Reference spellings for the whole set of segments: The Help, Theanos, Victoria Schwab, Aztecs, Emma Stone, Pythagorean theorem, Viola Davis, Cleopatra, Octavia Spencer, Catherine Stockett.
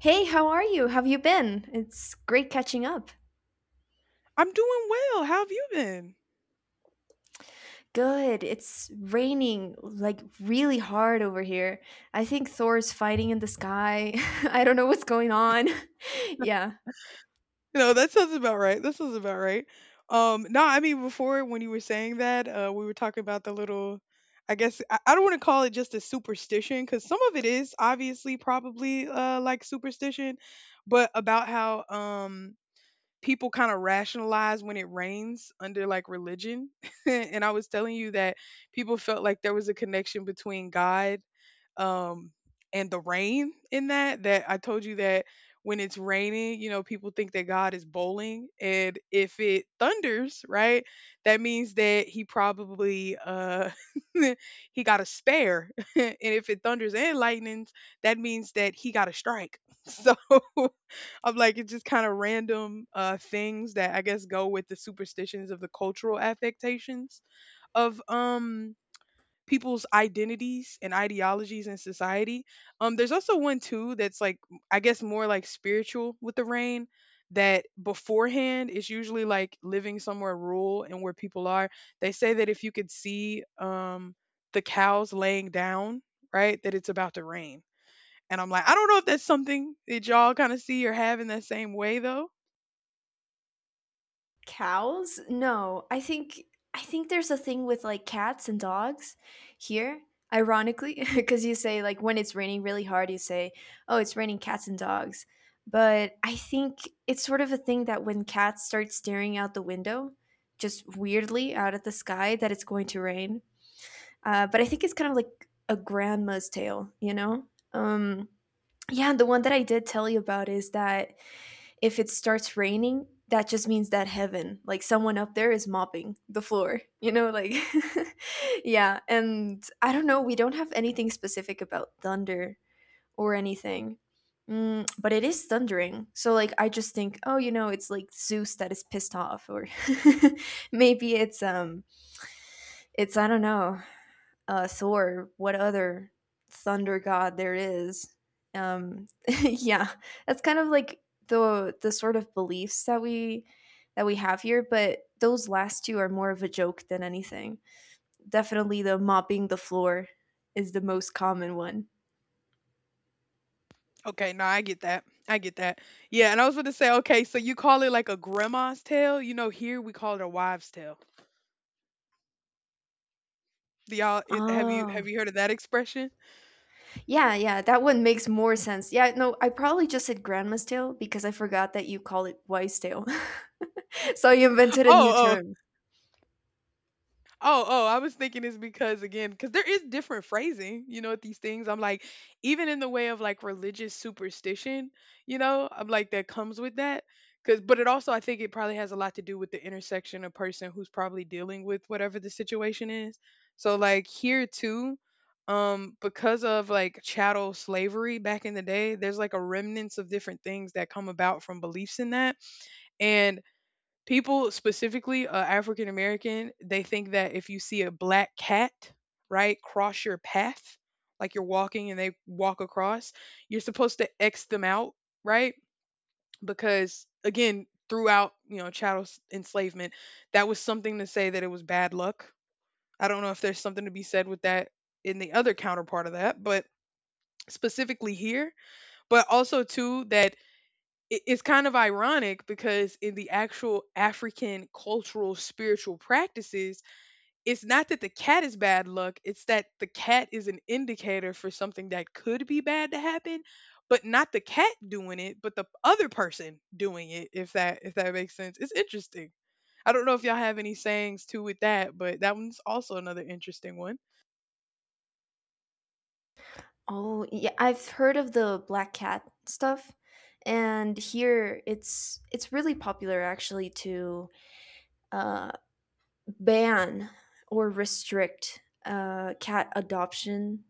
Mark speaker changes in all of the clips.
Speaker 1: Hey, how are you? Have you been? It's great catching up.
Speaker 2: I'm doing well. How have you been?
Speaker 1: Good. It's raining like really hard over here. I think Thor's fighting in the sky. I don't know what's going on. Yeah.
Speaker 2: You know, that sounds about right. That sounds about right. No, I mean, before when you were saying that, we were talking about the little, I guess, I don't want to call it just a superstition because some of it is obviously probably like superstition, but about how people kind of rationalize when it rains under like religion. And I was telling you that people felt like there was a connection between God um and the rain in that that I told you that when it's raining, you know, people think that God is bowling. And if it thunders, right? That means that he probably he got a spare. And if it thunders and lightnings, that means that he got a strike. So I'm like, it's just kind of random things that I guess go with the superstitions of the cultural affectations of people's identities and ideologies in society. There's also one too that's like I guess more like spiritual with the rain. That beforehand is usually like living somewhere rural and where people are. They say that if you could see the cows laying down, right, that it's about to rain. And I'm like, I don't know if that's something that y'all kind of see or have in that same way though.
Speaker 1: Cows? No. I think there's a thing with like cats and dogs here, ironically, because you say like when it's raining really hard, you say, "Oh, it's raining cats and dogs." But I think it's sort of a thing that when cats start staring out the window, just weirdly out at the sky, that it's going to rain. But I think it's kind of like a grandma's tale, you know? Um, yeah, the one that I did tell you about is that if it starts raining, that just means that heaven, like someone up there is mopping the floor, you know, like yeah, and I don't know, we don't have anything specific about thunder or anything. But it is thundering. So like I just think, oh, you know, it's like Zeus that is pissed off, or maybe it's, I don't know, Thor, what other thunder god there is. Um, yeah, that's kind of like the sort of beliefs that we have here, but those last two are more of a joke than anything. Definitely the mopping the floor is the most common one.
Speaker 2: Okay, no, I get that. I get that. Yeah, and I was going to say, okay, so you call it like a grandma's tale. You know, here we call it a wives' tale. Do y'all it have
Speaker 1: Oh,
Speaker 2: you heard of that expression?
Speaker 1: yeah, yeah, that one makes more sense. Yeah, no, I probably just said grandma's tale because I forgot that you call it wise tale. So you invented a new
Speaker 2: Oh, oh,
Speaker 1: term.
Speaker 2: oh, oh, I was thinking it's because again, because there is different phrasing, you know, at these things. I'm like, even in the way of like religious superstition, you know, I'm like that comes with that. Cause but it also I think it probably has a lot to do with the intersection of person who's probably dealing with whatever the situation is. So like here too, because of like chattel slavery back in the day, there's like a remnants of different things that come about from beliefs in that. And people specifically african american, they think that if you see a black cat right cross your path, like you're walking and they walk across, you're supposed to x them out, right? Because again, throughout, you know, chattel enslavement, that was something to say that it was bad luck. I don't know if there's something to be said with that in the other counterpart of that, but specifically here. But also too that it's kind of ironic because in the actual African cultural spiritual practices, it's not that the cat is bad luck. It's that the cat is an indicator for something that could be bad to happen, but not the cat doing it, but the other person doing it, if that makes sense. It's interesting. I don't know if y'all have any sayings too with that, but that one's also another interesting one.
Speaker 1: Oh, yeah, I've heard of the black cat stuff, and here it's really popular actually to uh, ban or restrict cat adoption,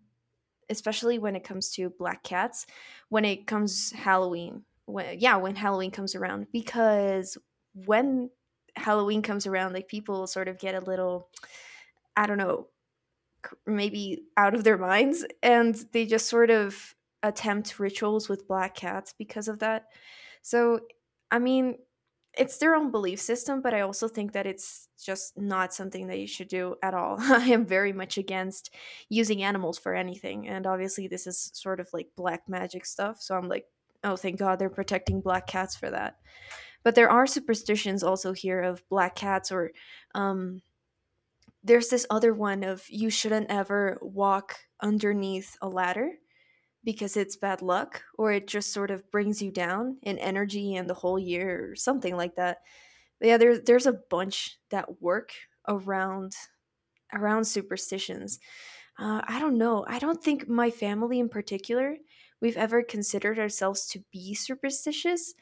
Speaker 1: especially when it comes to black cats, when it comes Halloween. When, yeah, when Halloween comes around, because when Halloween comes around, like people sort of get a little, I don't know, maybe out of their minds, and they just sort of attempt rituals with black cats because of that. So, I mean, it's their own belief system, but I also think that it's just not something that you should do at all. I am very much against using animals for anything, and obviously, this is sort of like black magic stuff, so I'm like, oh, thank God they're protecting black cats for that. But there are superstitions also here of black cats, or um, there's this other one of you shouldn't ever walk underneath a ladder, because it's bad luck or it just sort of brings you down in energy and the whole year or something like that. But yeah, there's a bunch that work around around superstitions. I don't know. I don't think my family in particular, we've ever considered ourselves to be superstitious,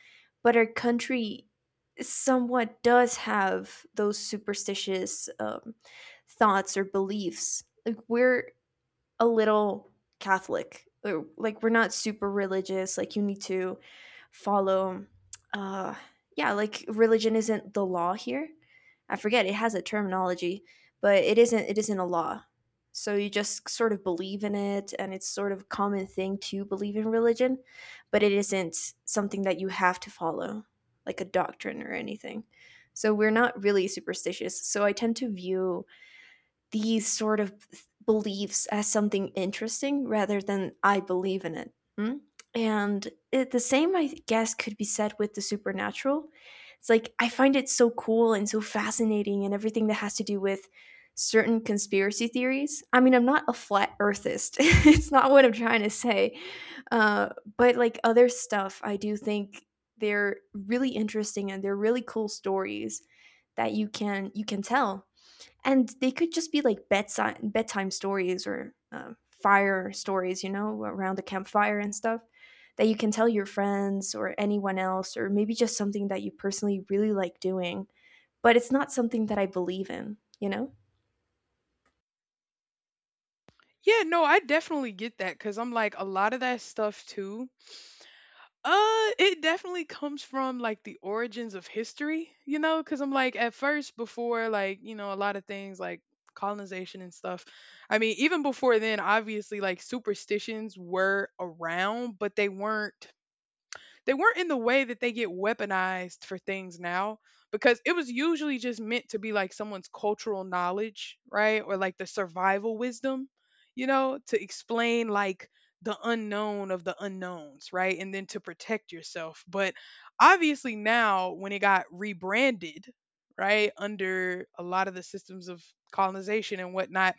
Speaker 1: but our country somewhat does have those superstitious thoughts or beliefs. Like we're a little Catholic. Like we're not super religious. Like you need to follow. Uh, yeah, like religion isn't the law here. I forget it has a terminology, but it isn't. It isn't a law. So you just sort of believe in it, and it's sort of a common thing to believe in religion, but it isn't something that you have to follow, like a doctrine or anything. So we're not really superstitious. So I tend to view these sort of beliefs as something interesting rather than I believe in it. Mm? And it, the same, I guess, could be said with the supernatural. It's like I find it so cool and so fascinating, and everything that has to do with certain conspiracy theories. I mean, I'm not a flat earthist, it's not what I'm trying to say. Uh, but like other stuff, I do think they're really interesting and they're really cool stories that you can tell, and they could just be like bedtime stories or fire stories, you know, around a campfire and stuff that you can tell your friends or anyone else, or maybe just something that you personally really like doing. But it's not something that I believe in, you know.
Speaker 2: Yeah, no, I definitely get that cuz I'm like a lot of that stuff too. It definitely comes from like the origins of history, you know, because I'm like at first before like, you know, a lot of things like colonization and stuff. I mean, even before then, obviously like superstitions were around, but they weren't, they weren't in the way that they get weaponized for things now because it was usually just meant to be like someone's cultural knowledge, right? Or like the survival wisdom, you know, to explain like the unknown of the unknowns, right? And then to protect yourself. But obviously now when it got rebranded, right, under a lot of the systems of colonization and whatnot,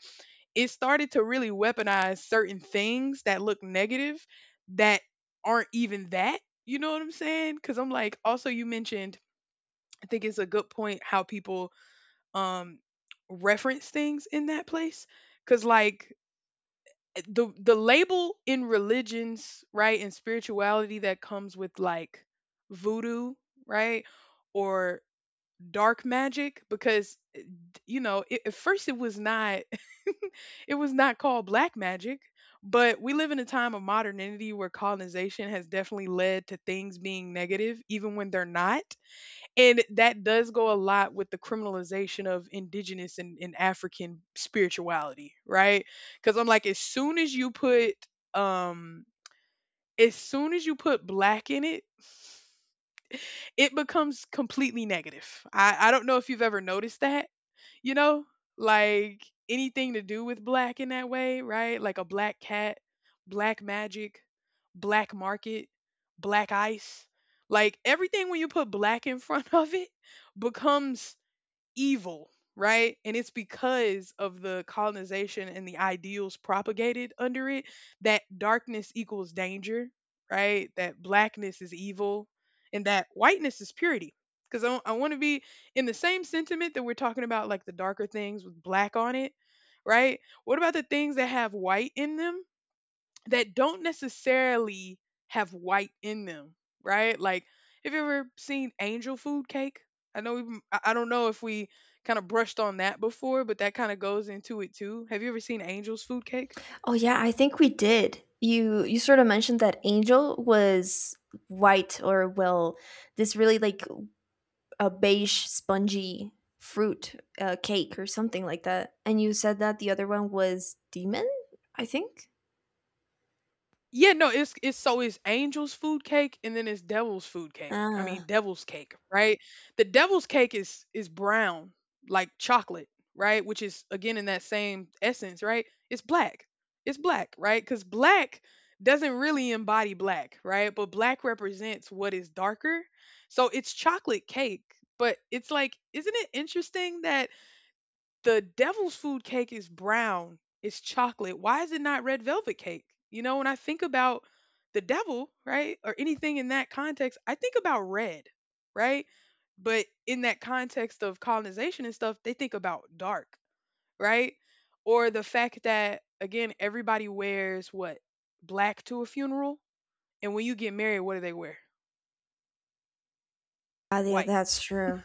Speaker 2: it started to really weaponize certain things that look negative that aren't even that, you know what I'm saying? Because I'm like, also you mentioned, I think it's a good point how people um reference things in that place. Because like the label in religions, right, and spirituality that comes with like voodoo, right, or dark magic because you know it, at first it was not it was not called black magic, but we live in a time of modernity where colonization has definitely led to things being negative even when they're not. And that does go a lot with the criminalization of indigenous and african spirituality, right? Because I'm like, as soon as you put um as soon as you put black in it, it becomes completely negative. I don't know if you've ever noticed that, you know, like anything to do with black in that way, right? Like a black cat, black magic, black market, black ice. Like everything when you put black in front of it becomes evil, right? And it's because of the colonization and the ideals propagated under it that darkness equals danger, right? That blackness is evil and that whiteness is purity. Because I want to be in the same sentiment that we're talking about, like the darker things with black on it, right? What about the things that have white in them? That don't necessarily have white in them, right? Like, have you ever seen angel food cake? I know we, I don't know if we kind of brushed on that before, but that kind of goes into it too. Have you ever seen angel's food cake?
Speaker 1: Oh yeah, I think we did. You sort of mentioned that Angel was white or, well, this really like a beige spongy fruit cake or something like that, and you said that the other one was demon. I think.
Speaker 2: Yeah, no, it's so it's angel's food cake and then it's devil's food cake. I mean
Speaker 1: Ah,
Speaker 2: devil's cake, right? The devil's cake is brown, like chocolate, right? Which is again in that same essence, right? It's black. It's black, right? Cuz black doesn't really embody black, right? But black represents what is darker. So it's chocolate cake, but it's like, isn't it interesting that the devil's food cake is brown? It's chocolate. Why is it not red velvet cake? You know, when I think about the devil, right, or anything in that context, I think about red, right? But in that context of colonization and stuff, they think about dark, right? Or the fact that, again, everybody wears what? Black to a funeral. And when you get married, what do they wear?
Speaker 1: ah, yeah,
Speaker 2: White.
Speaker 1: that's true.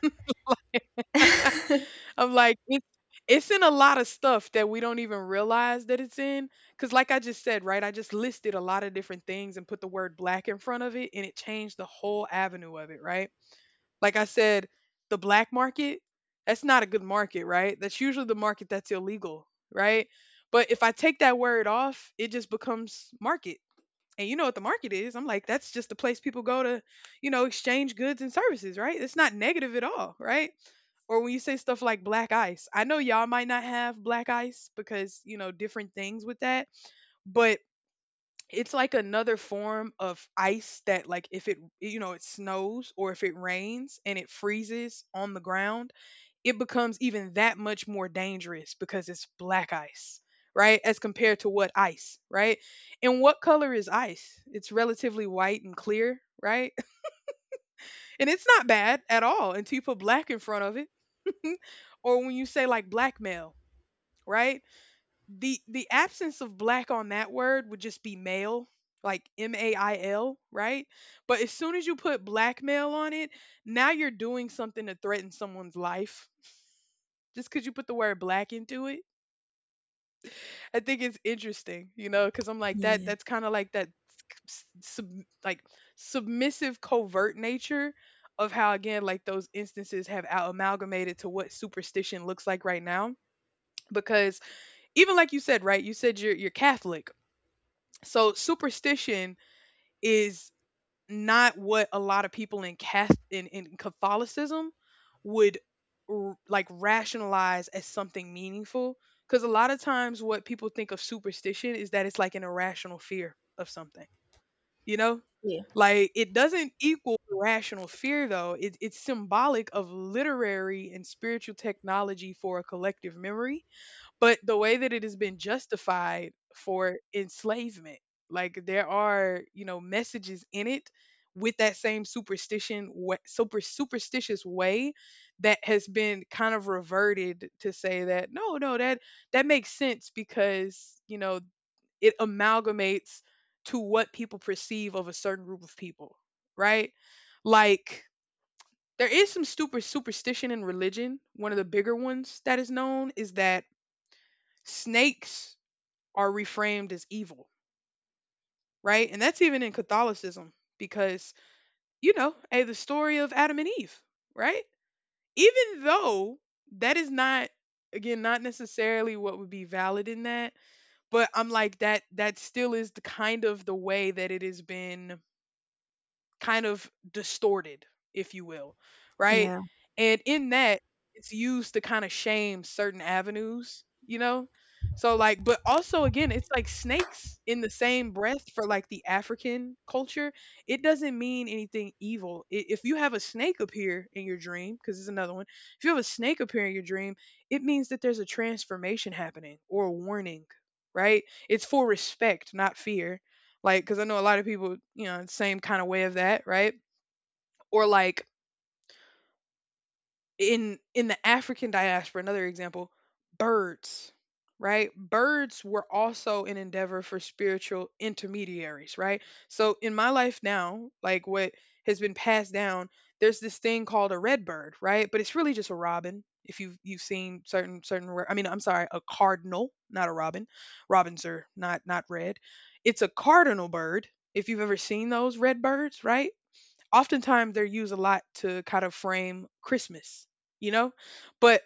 Speaker 2: I'm like, it's in a lot of stuff that we don't even realize that it's in. Cause like I just said, right? I just listed a lot of different things and put the word black in front of it, and it changed the whole avenue of it, right? Like I said, the black market, that's not a good market, right? That's usually the market that's illegal, right? But if I take that word off, it just becomes market. And you know what the market is. I'm like, that's just the place people go to, you know, exchange goods and services, right? It's not negative at all, right? Or when you say stuff like black ice, I know y'all might not have black ice because, you know, different things with that. But it's like another form of ice that like if it, you know, it snows or if it rains and it freezes on the ground, it becomes even that much more dangerous because it's black ice, right? As compared to what ice, right? And what color is ice? It's relatively white and clear, right? And it's not bad at all until you put black in front of it. Or when you say like blackmail, right? The absence of black on that word would just be male, like MAIL, right? But as soon as you put blackmail on it, now you're doing something to threaten someone's life just because you put the word black into it. I think it's interesting, you know, because I'm like that.
Speaker 1: Yeah.
Speaker 2: That's kind of like that, sub, like submissive, covert nature of how again, like those instances have out amalgamated to what superstition looks like right now. Because even like you said, right? You said you're Catholic. So superstition is not what a lot of people in Cath in Catholicism would like rationalize as something meaningful. Because a lot of times, what people think of superstition is that it's like an irrational fear of something. You know,
Speaker 1: Yeah.
Speaker 2: like it doesn't equal irrational fear though. It's symbolic of literary and spiritual technology for a collective memory, but the way that it has been justified for enslavement, like there are, you know, messages in it with that same superstition, super superstitious way that has been kind of reverted to say that no, no, that that makes sense because you know it amalgamates to what people perceive of a certain group of people, right? Like there is some super superstition in religion. One of the bigger ones that is known is that snakes are reframed as evil, right? And that's even in Catholicism because, you know, hey, the story of Adam and Eve, right? Even though that is not again not necessarily what would be valid in that, but I'm like that still is the kind of the way that it has been kind of distorted, if you will, right?
Speaker 1: Yeah.
Speaker 2: And in that, it's used to kind of shame certain avenues, you know? So, like, but also again, it's like snakes in the same breath for like the African culture. It doesn't mean anything evil. If you have a snake appear in your dream, because it's another one, if you have a snake appear in your dream, it means that there's a transformation happening or a warning, right? It's for respect, not fear. Like, cause I know a lot of people, you know, same kinda way of that, right? Or like in the African diaspora, another example, birds, right? Birds were also an endeavor for spiritual intermediaries, right? So in my life now, like what has been passed down, there's this thing called a red bird, right? But it's really just a robin. If you've seen I mean, I'm sorry, a cardinal, not a robin. Robins are not red. It's a cardinal bird. If you've ever seen those red birds, right? Oftentimes they're used a lot to kind of frame Christmas, you know? But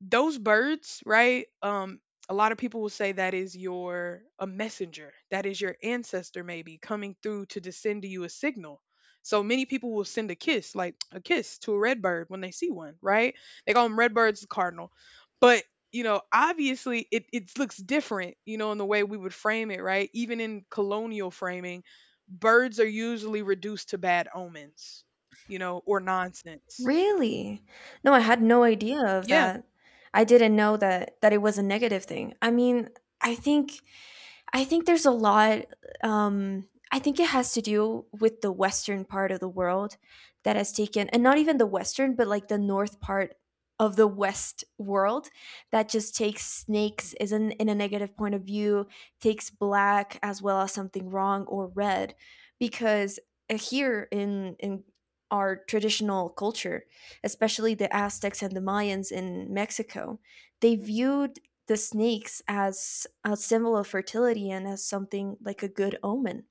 Speaker 2: those birds, right? A lot of people will say that is your a messenger, that is your ancestor maybe coming through to just send you a signal. So many people will send a kiss, like a kiss to a red bird when they see one, right? They call them red birds, the cardinal. But you know, obviously it looks different, you know, in the way we would frame it, right? Even in colonial framing, birds are usually reduced to bad omens, you know, or nonsense.
Speaker 1: Really? No, I had no idea of
Speaker 2: Yeah.
Speaker 1: that. I didn't know that that it was a negative thing. I mean, I think I think there's a lot. I think it has to do with the western part of the world that has taken, and not even the western, but like the north part of the west world that just takes
Speaker 2: Mm.
Speaker 1: snakes is in a negative point of view, takes black as well as something wrong or red, because here in our traditional culture, especially the Aztecs and the Mayans in Mexico, they viewed the snakes as a symbol of fertility and as something like a good omen.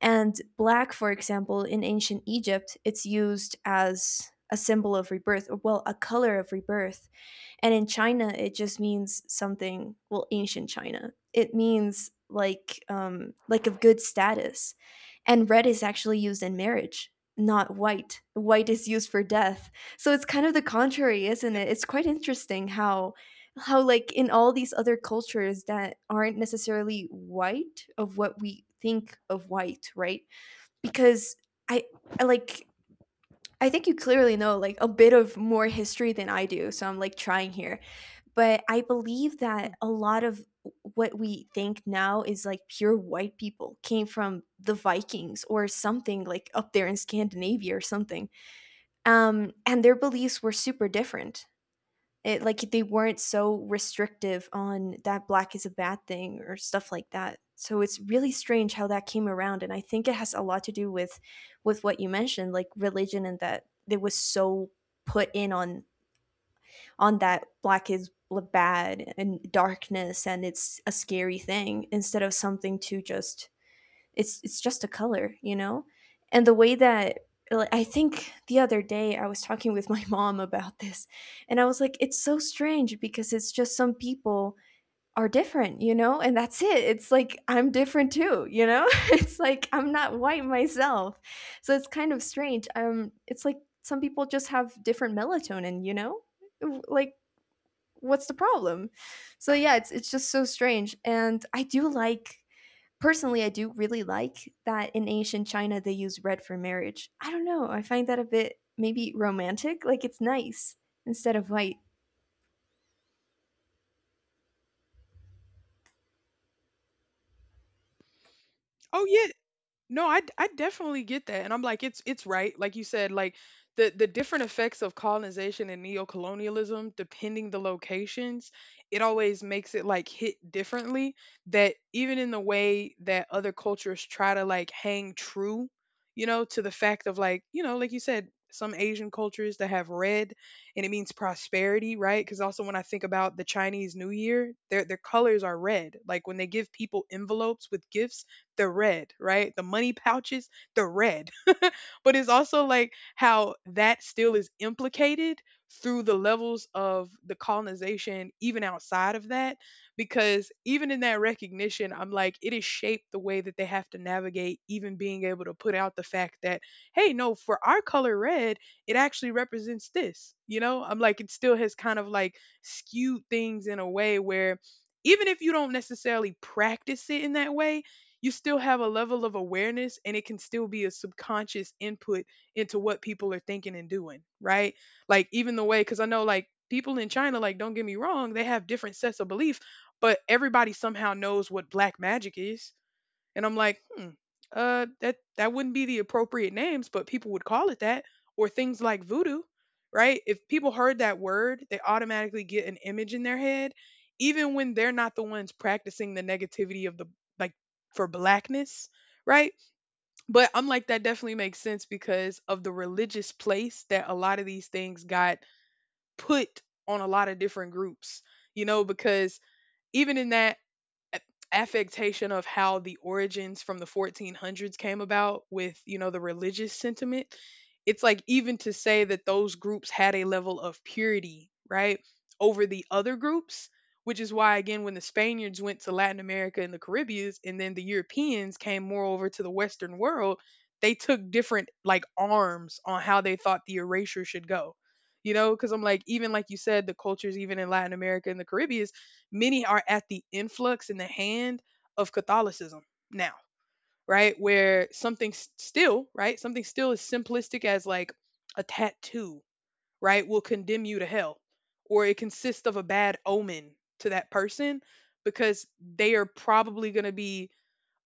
Speaker 1: And black, for example, in ancient Egypt, it's used as a symbol of rebirth, or, well, a color of rebirth. And in China, it just means something, well, ancient China. It means like of good status. And red is actually used in marriage, not white. White is used for death. So it's kind of the contrary, isn't
Speaker 2: Yep.
Speaker 1: it? It's quite interesting how like in all these other cultures that aren't necessarily white of what we think of white, right? Because i, I like I think you clearly know like a bit of more history than I do, so I'm like trying here, but I believe that
Speaker 2: Mm.
Speaker 1: a lot of what we think now is like pure white people came from the Vikings or something like up there in Scandinavia or something. And their beliefs were super different, it like they weren't so restrictive on that black is a bad thing or stuff like that, so it's really strange how that came around, and I think it has a lot to do with what you mentioned, like religion, and that it was so put in on that black is bad and darkness, and it's a scary thing instead of something to just, it's just a color, you know? And the way that, like, I think the other day I was talking with my mom about this, and I was like it's so strange because it's just some people are different, you know? And that's it. It's like I'm different too, you know? It's like I'm not white myself. So it's kind of strange. It's like some people just have different melatonin, you know? Like what's the problem? So yeah, it's just so strange, and I do, like, personally, I do really like that in ancient China they use red for marriage. I don't know. I find that a bit maybe romantic. Like it's nice instead of white.
Speaker 2: Oh yeah. No, I definitely get that. And I'm like, it's right. Like you said, like the different effects of colonization and neo-colonialism, depending the locations, it always makes it like hit differently. That even in the way that other cultures try to like hang true, you know, to the fact of like, you know, like you said, some Asian cultures that have red and it means prosperity, right? Because also when I think about the Chinese New Year, their colors are red. Like when they give people envelopes with gifts the red, right? The money pouches, the red. But it's also like how that still is implicated through the levels of the colonization, even outside of that. Because even in that recognition, I'm like, it has shaped the way that they have to navigate, even being able to put out the fact that, hey, no, for our color red, it actually represents this. You know, I'm like, it still has kind of like skewed things in a way where even if you don't necessarily practice it in that way, you still have a level of awareness and it can still be a subconscious input into what people are thinking and doing, right? Like even the way because I know like people in China like don't get me wrong, they have different sets of belief, but everybody somehow knows what black magic is and I'm like, hmm, that wouldn't be the appropriate names, but people would call it that, or things like voodoo, right? If people heard that word, they automatically get an image in their head, even when they're not the ones practicing the negativity of the like for blackness, right? But I'm like, that definitely makes sense because of the religious place that a lot of these things got put on a lot of different groups, you know, because even in that a- affectation of how the origins from the 1400s came about with you know the religious sentiment. It's like even to say that those groups had a level of purity, right, over the other groups, which is why again when the Spaniards went to Latin America and the Caribbeans and then the Europeans came more over to the western world, they took different like arms on how they thought the erasure should go, you know, because I'm like even like you said the cultures even in Latin America and the Caribbean, many are at the influx in the hand of Catholicism now, right? Where something still, right? Something still as simplistic as like a tattoo, right, will condemn you to hell, or it consists of a bad omen to that person because they are probably going to be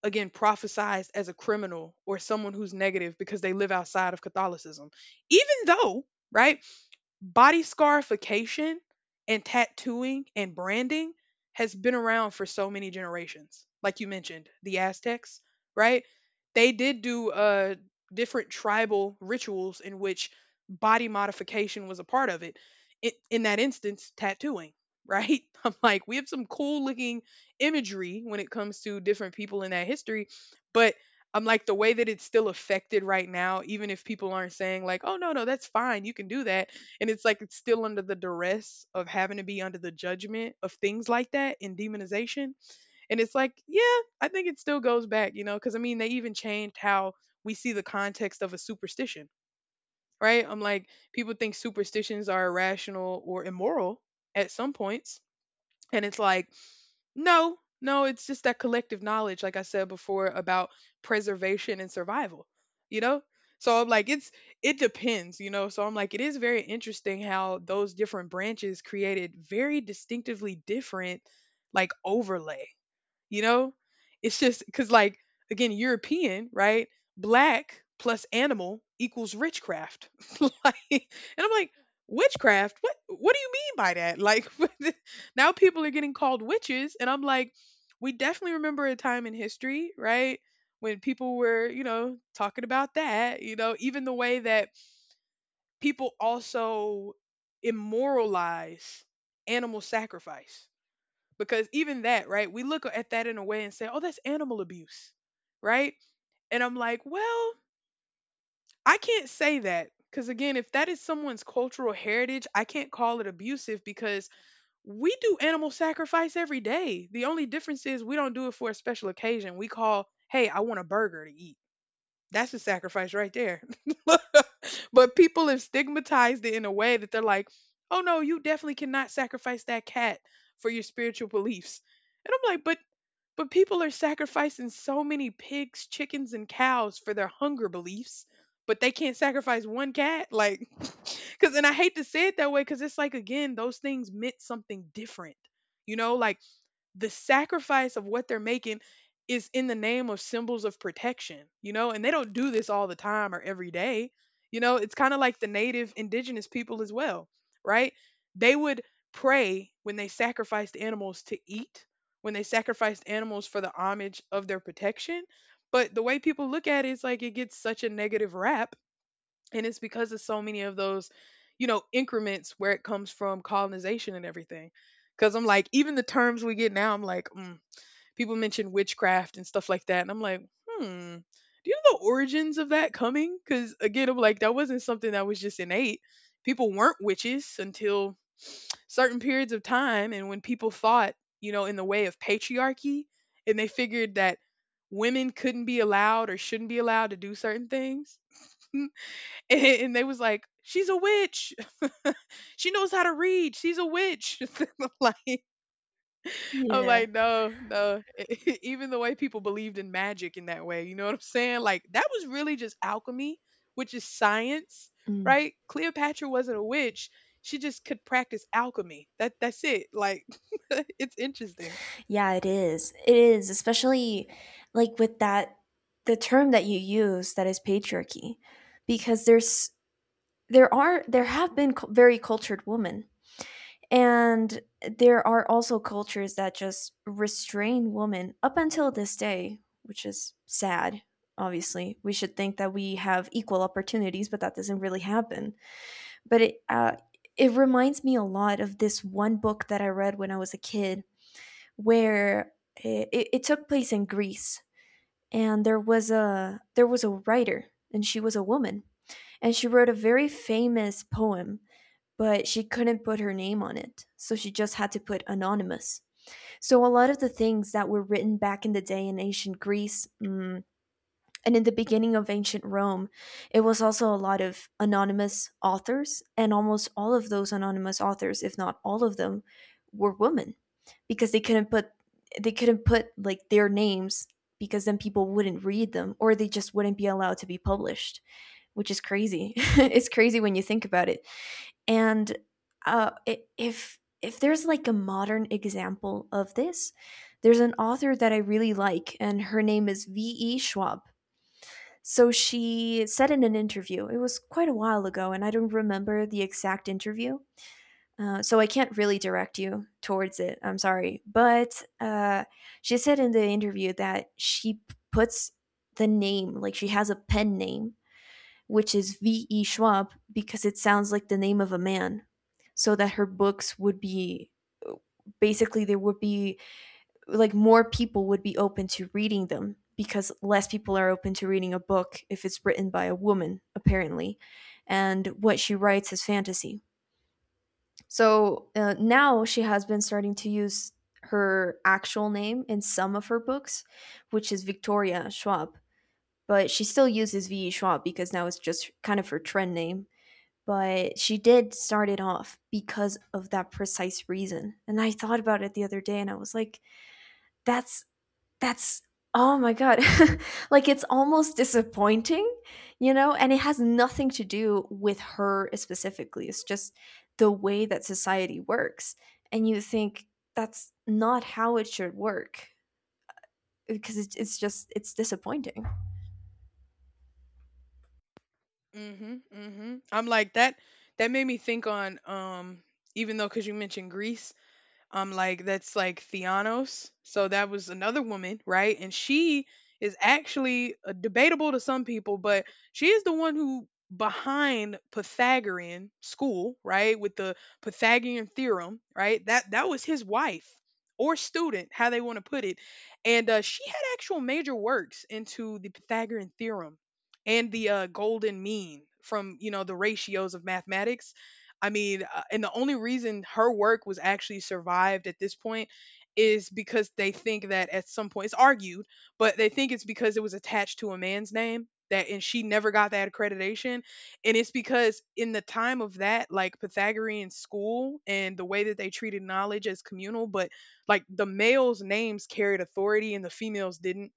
Speaker 2: again prophesized as a criminal or someone who's negative because they live outside of Catholicism. Even though, right, body scarification and tattooing and branding has been around for so many generations. Like you mentioned, the Aztecs, right? They did do different tribal rituals in which body modification was a part of it. In that instance, tattooing, right? I'm like, we have some cool looking imagery when it comes to different people in that history, but I'm like the way that it's still affected right now, even if people aren't saying like, "Oh no, no, that's fine, you can do that," and it's like it's still under the duress of having to be under the judgment of things like that and demonization, and it's like, yeah, I think it still goes back, you know, because I mean they even changed how we see the context of a superstition, right? I'm like people think superstitions are irrational or immoral at some points and it's like, no, no, it's just that collective knowledge, like I said before, about preservation and survival, you know? So I'm like, it's, it depends, you know? So I'm like, it is very interesting how those different branches created very distinctively different, like, overlays. You know? It's just because, like, again, European, right? Black plus animal equals witchcraft. Like, and I'm like, witchcraft? What? What do you mean by that? Like, now people are getting called witches, and I'm like, we definitely remember a time in history, right? When people were, you know, talking about that, you know, even the way that people also immoralize animal sacrifice because even that, right? We look at that in a way and say, oh, that's animal abuse, right? And I'm like, well, I can't say that. Because again, if that is someone's cultural heritage, I can't call it abusive because we do animal sacrifice every day. The only difference is we don't do it for a special occasion. We call, hey, I want a burger to eat. That's a sacrifice right there. But people have stigmatized it in a way that they're like, oh no, you definitely cannot sacrifice that cat for your spiritual beliefs. And I'm like, but people are sacrificing so many pigs, chickens, and cows for their hunger beliefs, but they can't sacrifice one cat. Like, because, and I hate to say it that way, because it's like, again, those things meant something different. You know, like the sacrifice of what they're making is in the name of symbols of protection, you know, and they don't do this all the time or every day. You know, it's kind of like the native indigenous people as well, right? They would pray when they sacrificed animals to eat, when they sacrificed animals for the homage of their protection. But the way people look at it is like it gets such a negative rap and it's because of so many of those, you know, increments where it comes from colonization and everything, because I'm like even the terms we get now, I'm like, mm, people mention witchcraft and stuff like that and I'm like, hmm, do you know the origins of that coming? Because again I'm like that wasn't something that was just innate. People weren't witches until certain periods of time and when people thought, you know, in the way of patriarchy, and they figured that women couldn't be allowed or shouldn't be allowed to do certain things. And they was like, "She's a witch. She knows how to read. She's a witch." Like I'm
Speaker 1: Yeah.
Speaker 2: like, no, no. Even the way people believed in magic in that way, you know what I'm saying? Like that was really just alchemy, which is science,
Speaker 1: Mm.
Speaker 2: right? Cleopatra wasn't a witch. She just could practice alchemy. That's it. Like it's interesting.
Speaker 1: Yeah, it is. It is, especially like with that the term that you use that is patriarchy, because there's there are there have been very cultured women. And there are also cultures that just restrain women up until this day, which is sad. Obviously, we should think that we have equal opportunities, but that doesn't really happen. But it it reminds me a lot of this one book that I read when I was a kid, where it took place in Greece, and there was a writer, and she was a woman, and she wrote a very famous poem, but she couldn't put her name on it, so she just had to put anonymous. So a lot of the things that were written back in the day in ancient Greece and in the beginning of ancient Rome, it was also a lot of anonymous authors, and almost all of those anonymous authors, if not all of them, were women, because they couldn't put like their names, because then people wouldn't read them or they just wouldn't be allowed to be published, which is crazy. It's crazy when you think about it. And uh, if there's like a modern example of this, there's an author that I really like, and her name is V.E. Schwab. So she said in an interview, it was quite a while ago, and I don't remember the exact interview. So I can't really direct you towards it. I'm sorry, but she said in the interview that she puts the name, like she has a pen name which is V.E. Schwab, because it sounds like the name of a man, so that her books would be basically there would be like more people would be open to reading them because less people are open to reading a book if it's written by a woman apparently. And what she writes is fantasy. So now she has been starting to use her actual name in some of her books, which is Victoria Schwab. But she still uses VE Schwab because now it's just kind of her trend name. But she did start it off because of that precise reason. And I thought about it the other day and I was like, that's that's oh my god. Like it's almost disappointing, you know, and it has nothing to do with her specifically. It's just the way that society works. And you think that's not how it should work because it's just it's disappointing.
Speaker 2: Mhm. Mhm. I'm like that made me think on even though cuz you mentioned Greece. Like that's like Theanos. So that was another woman, right? And she is actually debatable to some people, but she is the one who behind Pythagorean school, right? With the Pythagorean theorem, right? That was his wife or student, how they want to put it. And she had actual major works into the Pythagorean theorem and the golden mean from you know the ratios of mathematics. And the only reason her work was actually survived at this point is because they think that at some point it's argued, but they think it's because it was attached to a man's name that, and she never got that accreditation. And it's because in the time of that, like Pythagorean school, and the way that they treated knowledge as communal, but like the males names carried authority and the females didn't,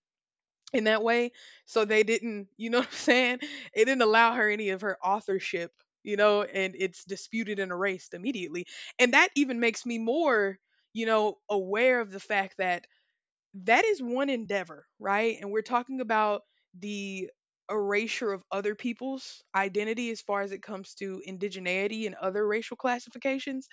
Speaker 2: in that way. So they didn't, you know what I'm saying? It didn't allow her any of her authorship, you know, and it's disputed and erased immediately. And that even makes me more, you know, aware of the fact that that is one endeavor, right? And we're talking about the erasure of other people's identity as far as it comes to indigeneity and other racial classifications.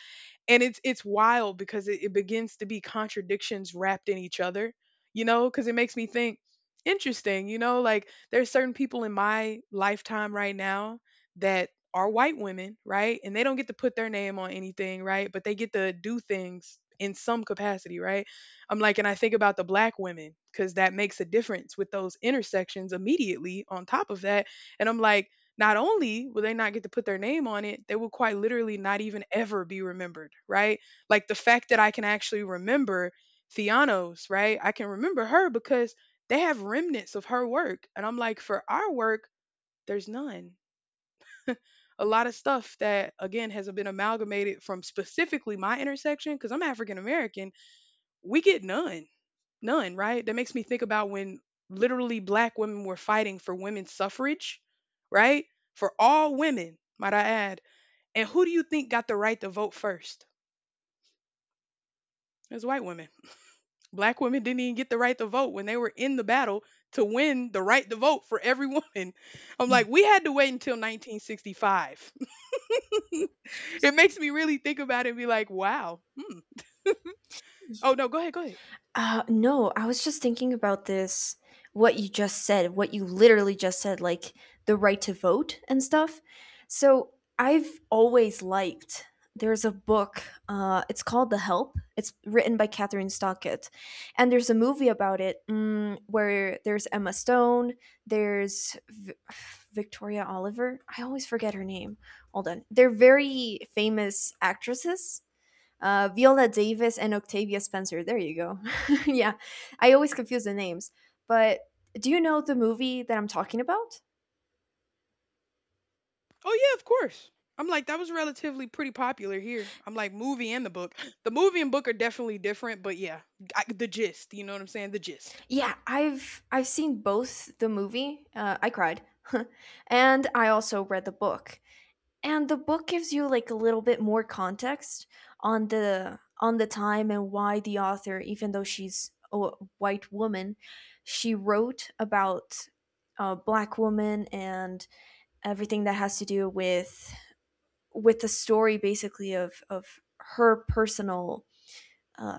Speaker 2: And it's wild because it begins to be contradictions wrapped in each other, you know, because it makes me think interesting, you know, like there's certain people in my lifetime right now that are white women, right? And they don't get to put their name on anything, right? But they get to do things in some capacity, right? I'm like, and I think about the black women, because that makes a difference with those intersections immediately on top of that. And I'm like, not only will they not get to put their name on it, they will quite literally not even ever be remembered, right? Like the fact that I can actually remember Theanos, right? I can remember her because they have remnants of her work. And I'm like, for our work, there's none. A lot of stuff that, again, has been amalgamated from specifically my intersection, because I'm African American, we get none. None, right? That makes me think about when literally black women were fighting for women's suffrage, right? For all women, might I add. And who do you think got the right to vote first? It was white women. Black women didn't even get the right to vote when they were in the battle to win the right to vote for every woman. I'm like, we had to wait until 1965. It makes me really think about it and be like, wow. Hmm. Oh, no, go ahead, go ahead.
Speaker 1: No, I was just thinking about this, what you just said, what you literally just said, like the right to vote and stuff. So I've always liked, there's a book, it's called The Help. It's written by Catherine Stockett. And there's a movie about it, mm, where there's Emma Stone, there's Victoria Oliver. I always forget her name. Hold on. They're very famous actresses, Viola Davis and Octavia Spencer. There you go. Yeah, I always confuse the names. But do you know the movie that I'm talking about?
Speaker 2: Oh yeah, of course. I'm like, that was relatively pretty popular here. I'm like, movie and the book. The movie and book are definitely different, but yeah, I, the gist. You know what I'm saying? The gist.
Speaker 1: Yeah, I've seen both the movie. I cried, and I also read the book. And the book gives you like a little bit more context on the time and why the author, even though she's a white woman, she wrote about a black woman and everything that has to do with the story, basically, of her personal, uh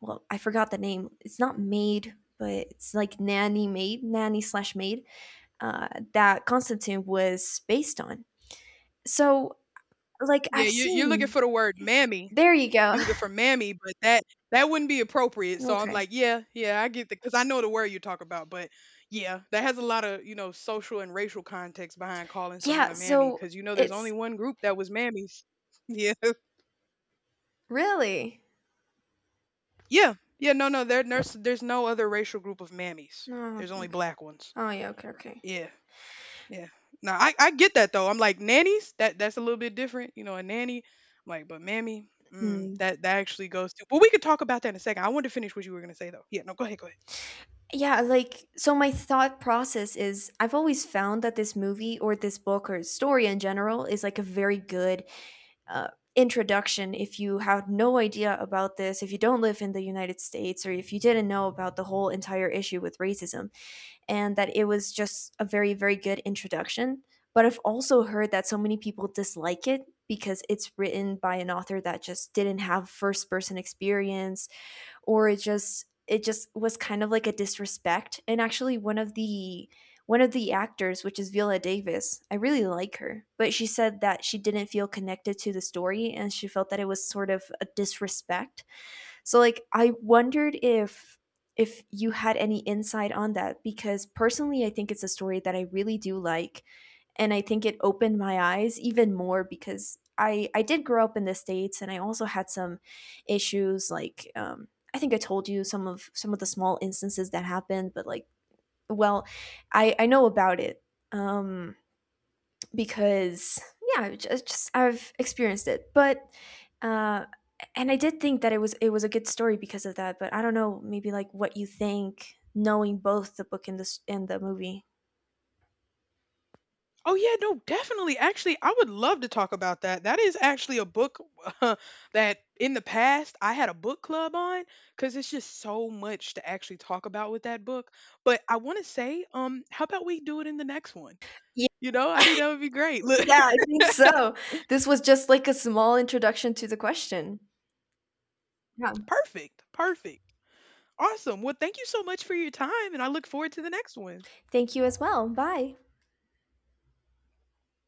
Speaker 1: well, I forgot the name. It's not maid, but it's like nanny, maid, nanny slash maid, uh that Constantine was based on. So like
Speaker 2: Yeah,
Speaker 1: I've
Speaker 2: you're looking
Speaker 1: seen,
Speaker 2: for the word mammy.
Speaker 1: there you go.
Speaker 2: You're looking for mammy, but that wouldn't be appropriate. So I'm
Speaker 1: Okay.
Speaker 2: like, yeah, yeah, I get that because I know the word you talk about. But yeah, that has a lot of, you know, social and racial context behind calling someone
Speaker 1: Yeah,
Speaker 2: a mammy,
Speaker 1: so
Speaker 2: because you know there's only
Speaker 1: it's—
Speaker 2: one group that was mammies. Yeah,
Speaker 1: Really?
Speaker 2: yeah, yeah. No, no, there's no other racial group of mammies.
Speaker 1: No.
Speaker 2: There's
Speaker 1: Okay.
Speaker 2: only
Speaker 1: Okay.
Speaker 2: black ones.
Speaker 1: Oh yeah. Okay. Okay.
Speaker 2: Yeah, yeah. No, I get that though. I'm like, nannies. That's a little bit different, you know. A nanny. I'm like, but mammy, mm,
Speaker 1: Hmm.
Speaker 2: that that actually goes to. But we could talk about that in a second. I wanted to finish what you were gonna say though. Yeah, no, go ahead, go ahead.
Speaker 1: Yeah, like, so my thought process is I've always found that this movie or this book or story in general is like a very good, uh, introduction if you have no idea about this, if you don't live in the United States, or if you didn't know about the whole entire issue with racism, and that it was just a very, very good introduction. But I've also heard that so many people dislike it because it's written by an author that just didn't have first person experience, or it just was kind of like a disrespect. And actually one of the actors, which is Viola Davis, I really like her, but she said that she didn't feel connected to the story and she felt that it was sort of a disrespect. So like I wondered if you had any insight on that, because personally I think it's a story that I really do like, and I think it opened my eyes even more because I did grow up in the states and I also had some issues like, I think I told you some of the small instances that happened, but like, well, I know about it, um, because yeah, I just I've experienced it, but. Uh, and I did think that it was a good story because of that, but I don't know, maybe like what you think, knowing both the book and the movie.
Speaker 2: Oh yeah, no, definitely. Actually, I would love to talk about that. That is actually a book that in the past I had a book club on, because it's just so much to actually talk about with that book. But I want to say, how about we do it in the next one? You know, I think that would be great. Look,
Speaker 1: Yeah, I think so. This was just like a small introduction to the question. Yeah.
Speaker 2: perfect, perfect. Awesome. Well, thank you so much for your time, and I look forward to the next one.
Speaker 1: Thank you as well. Bye.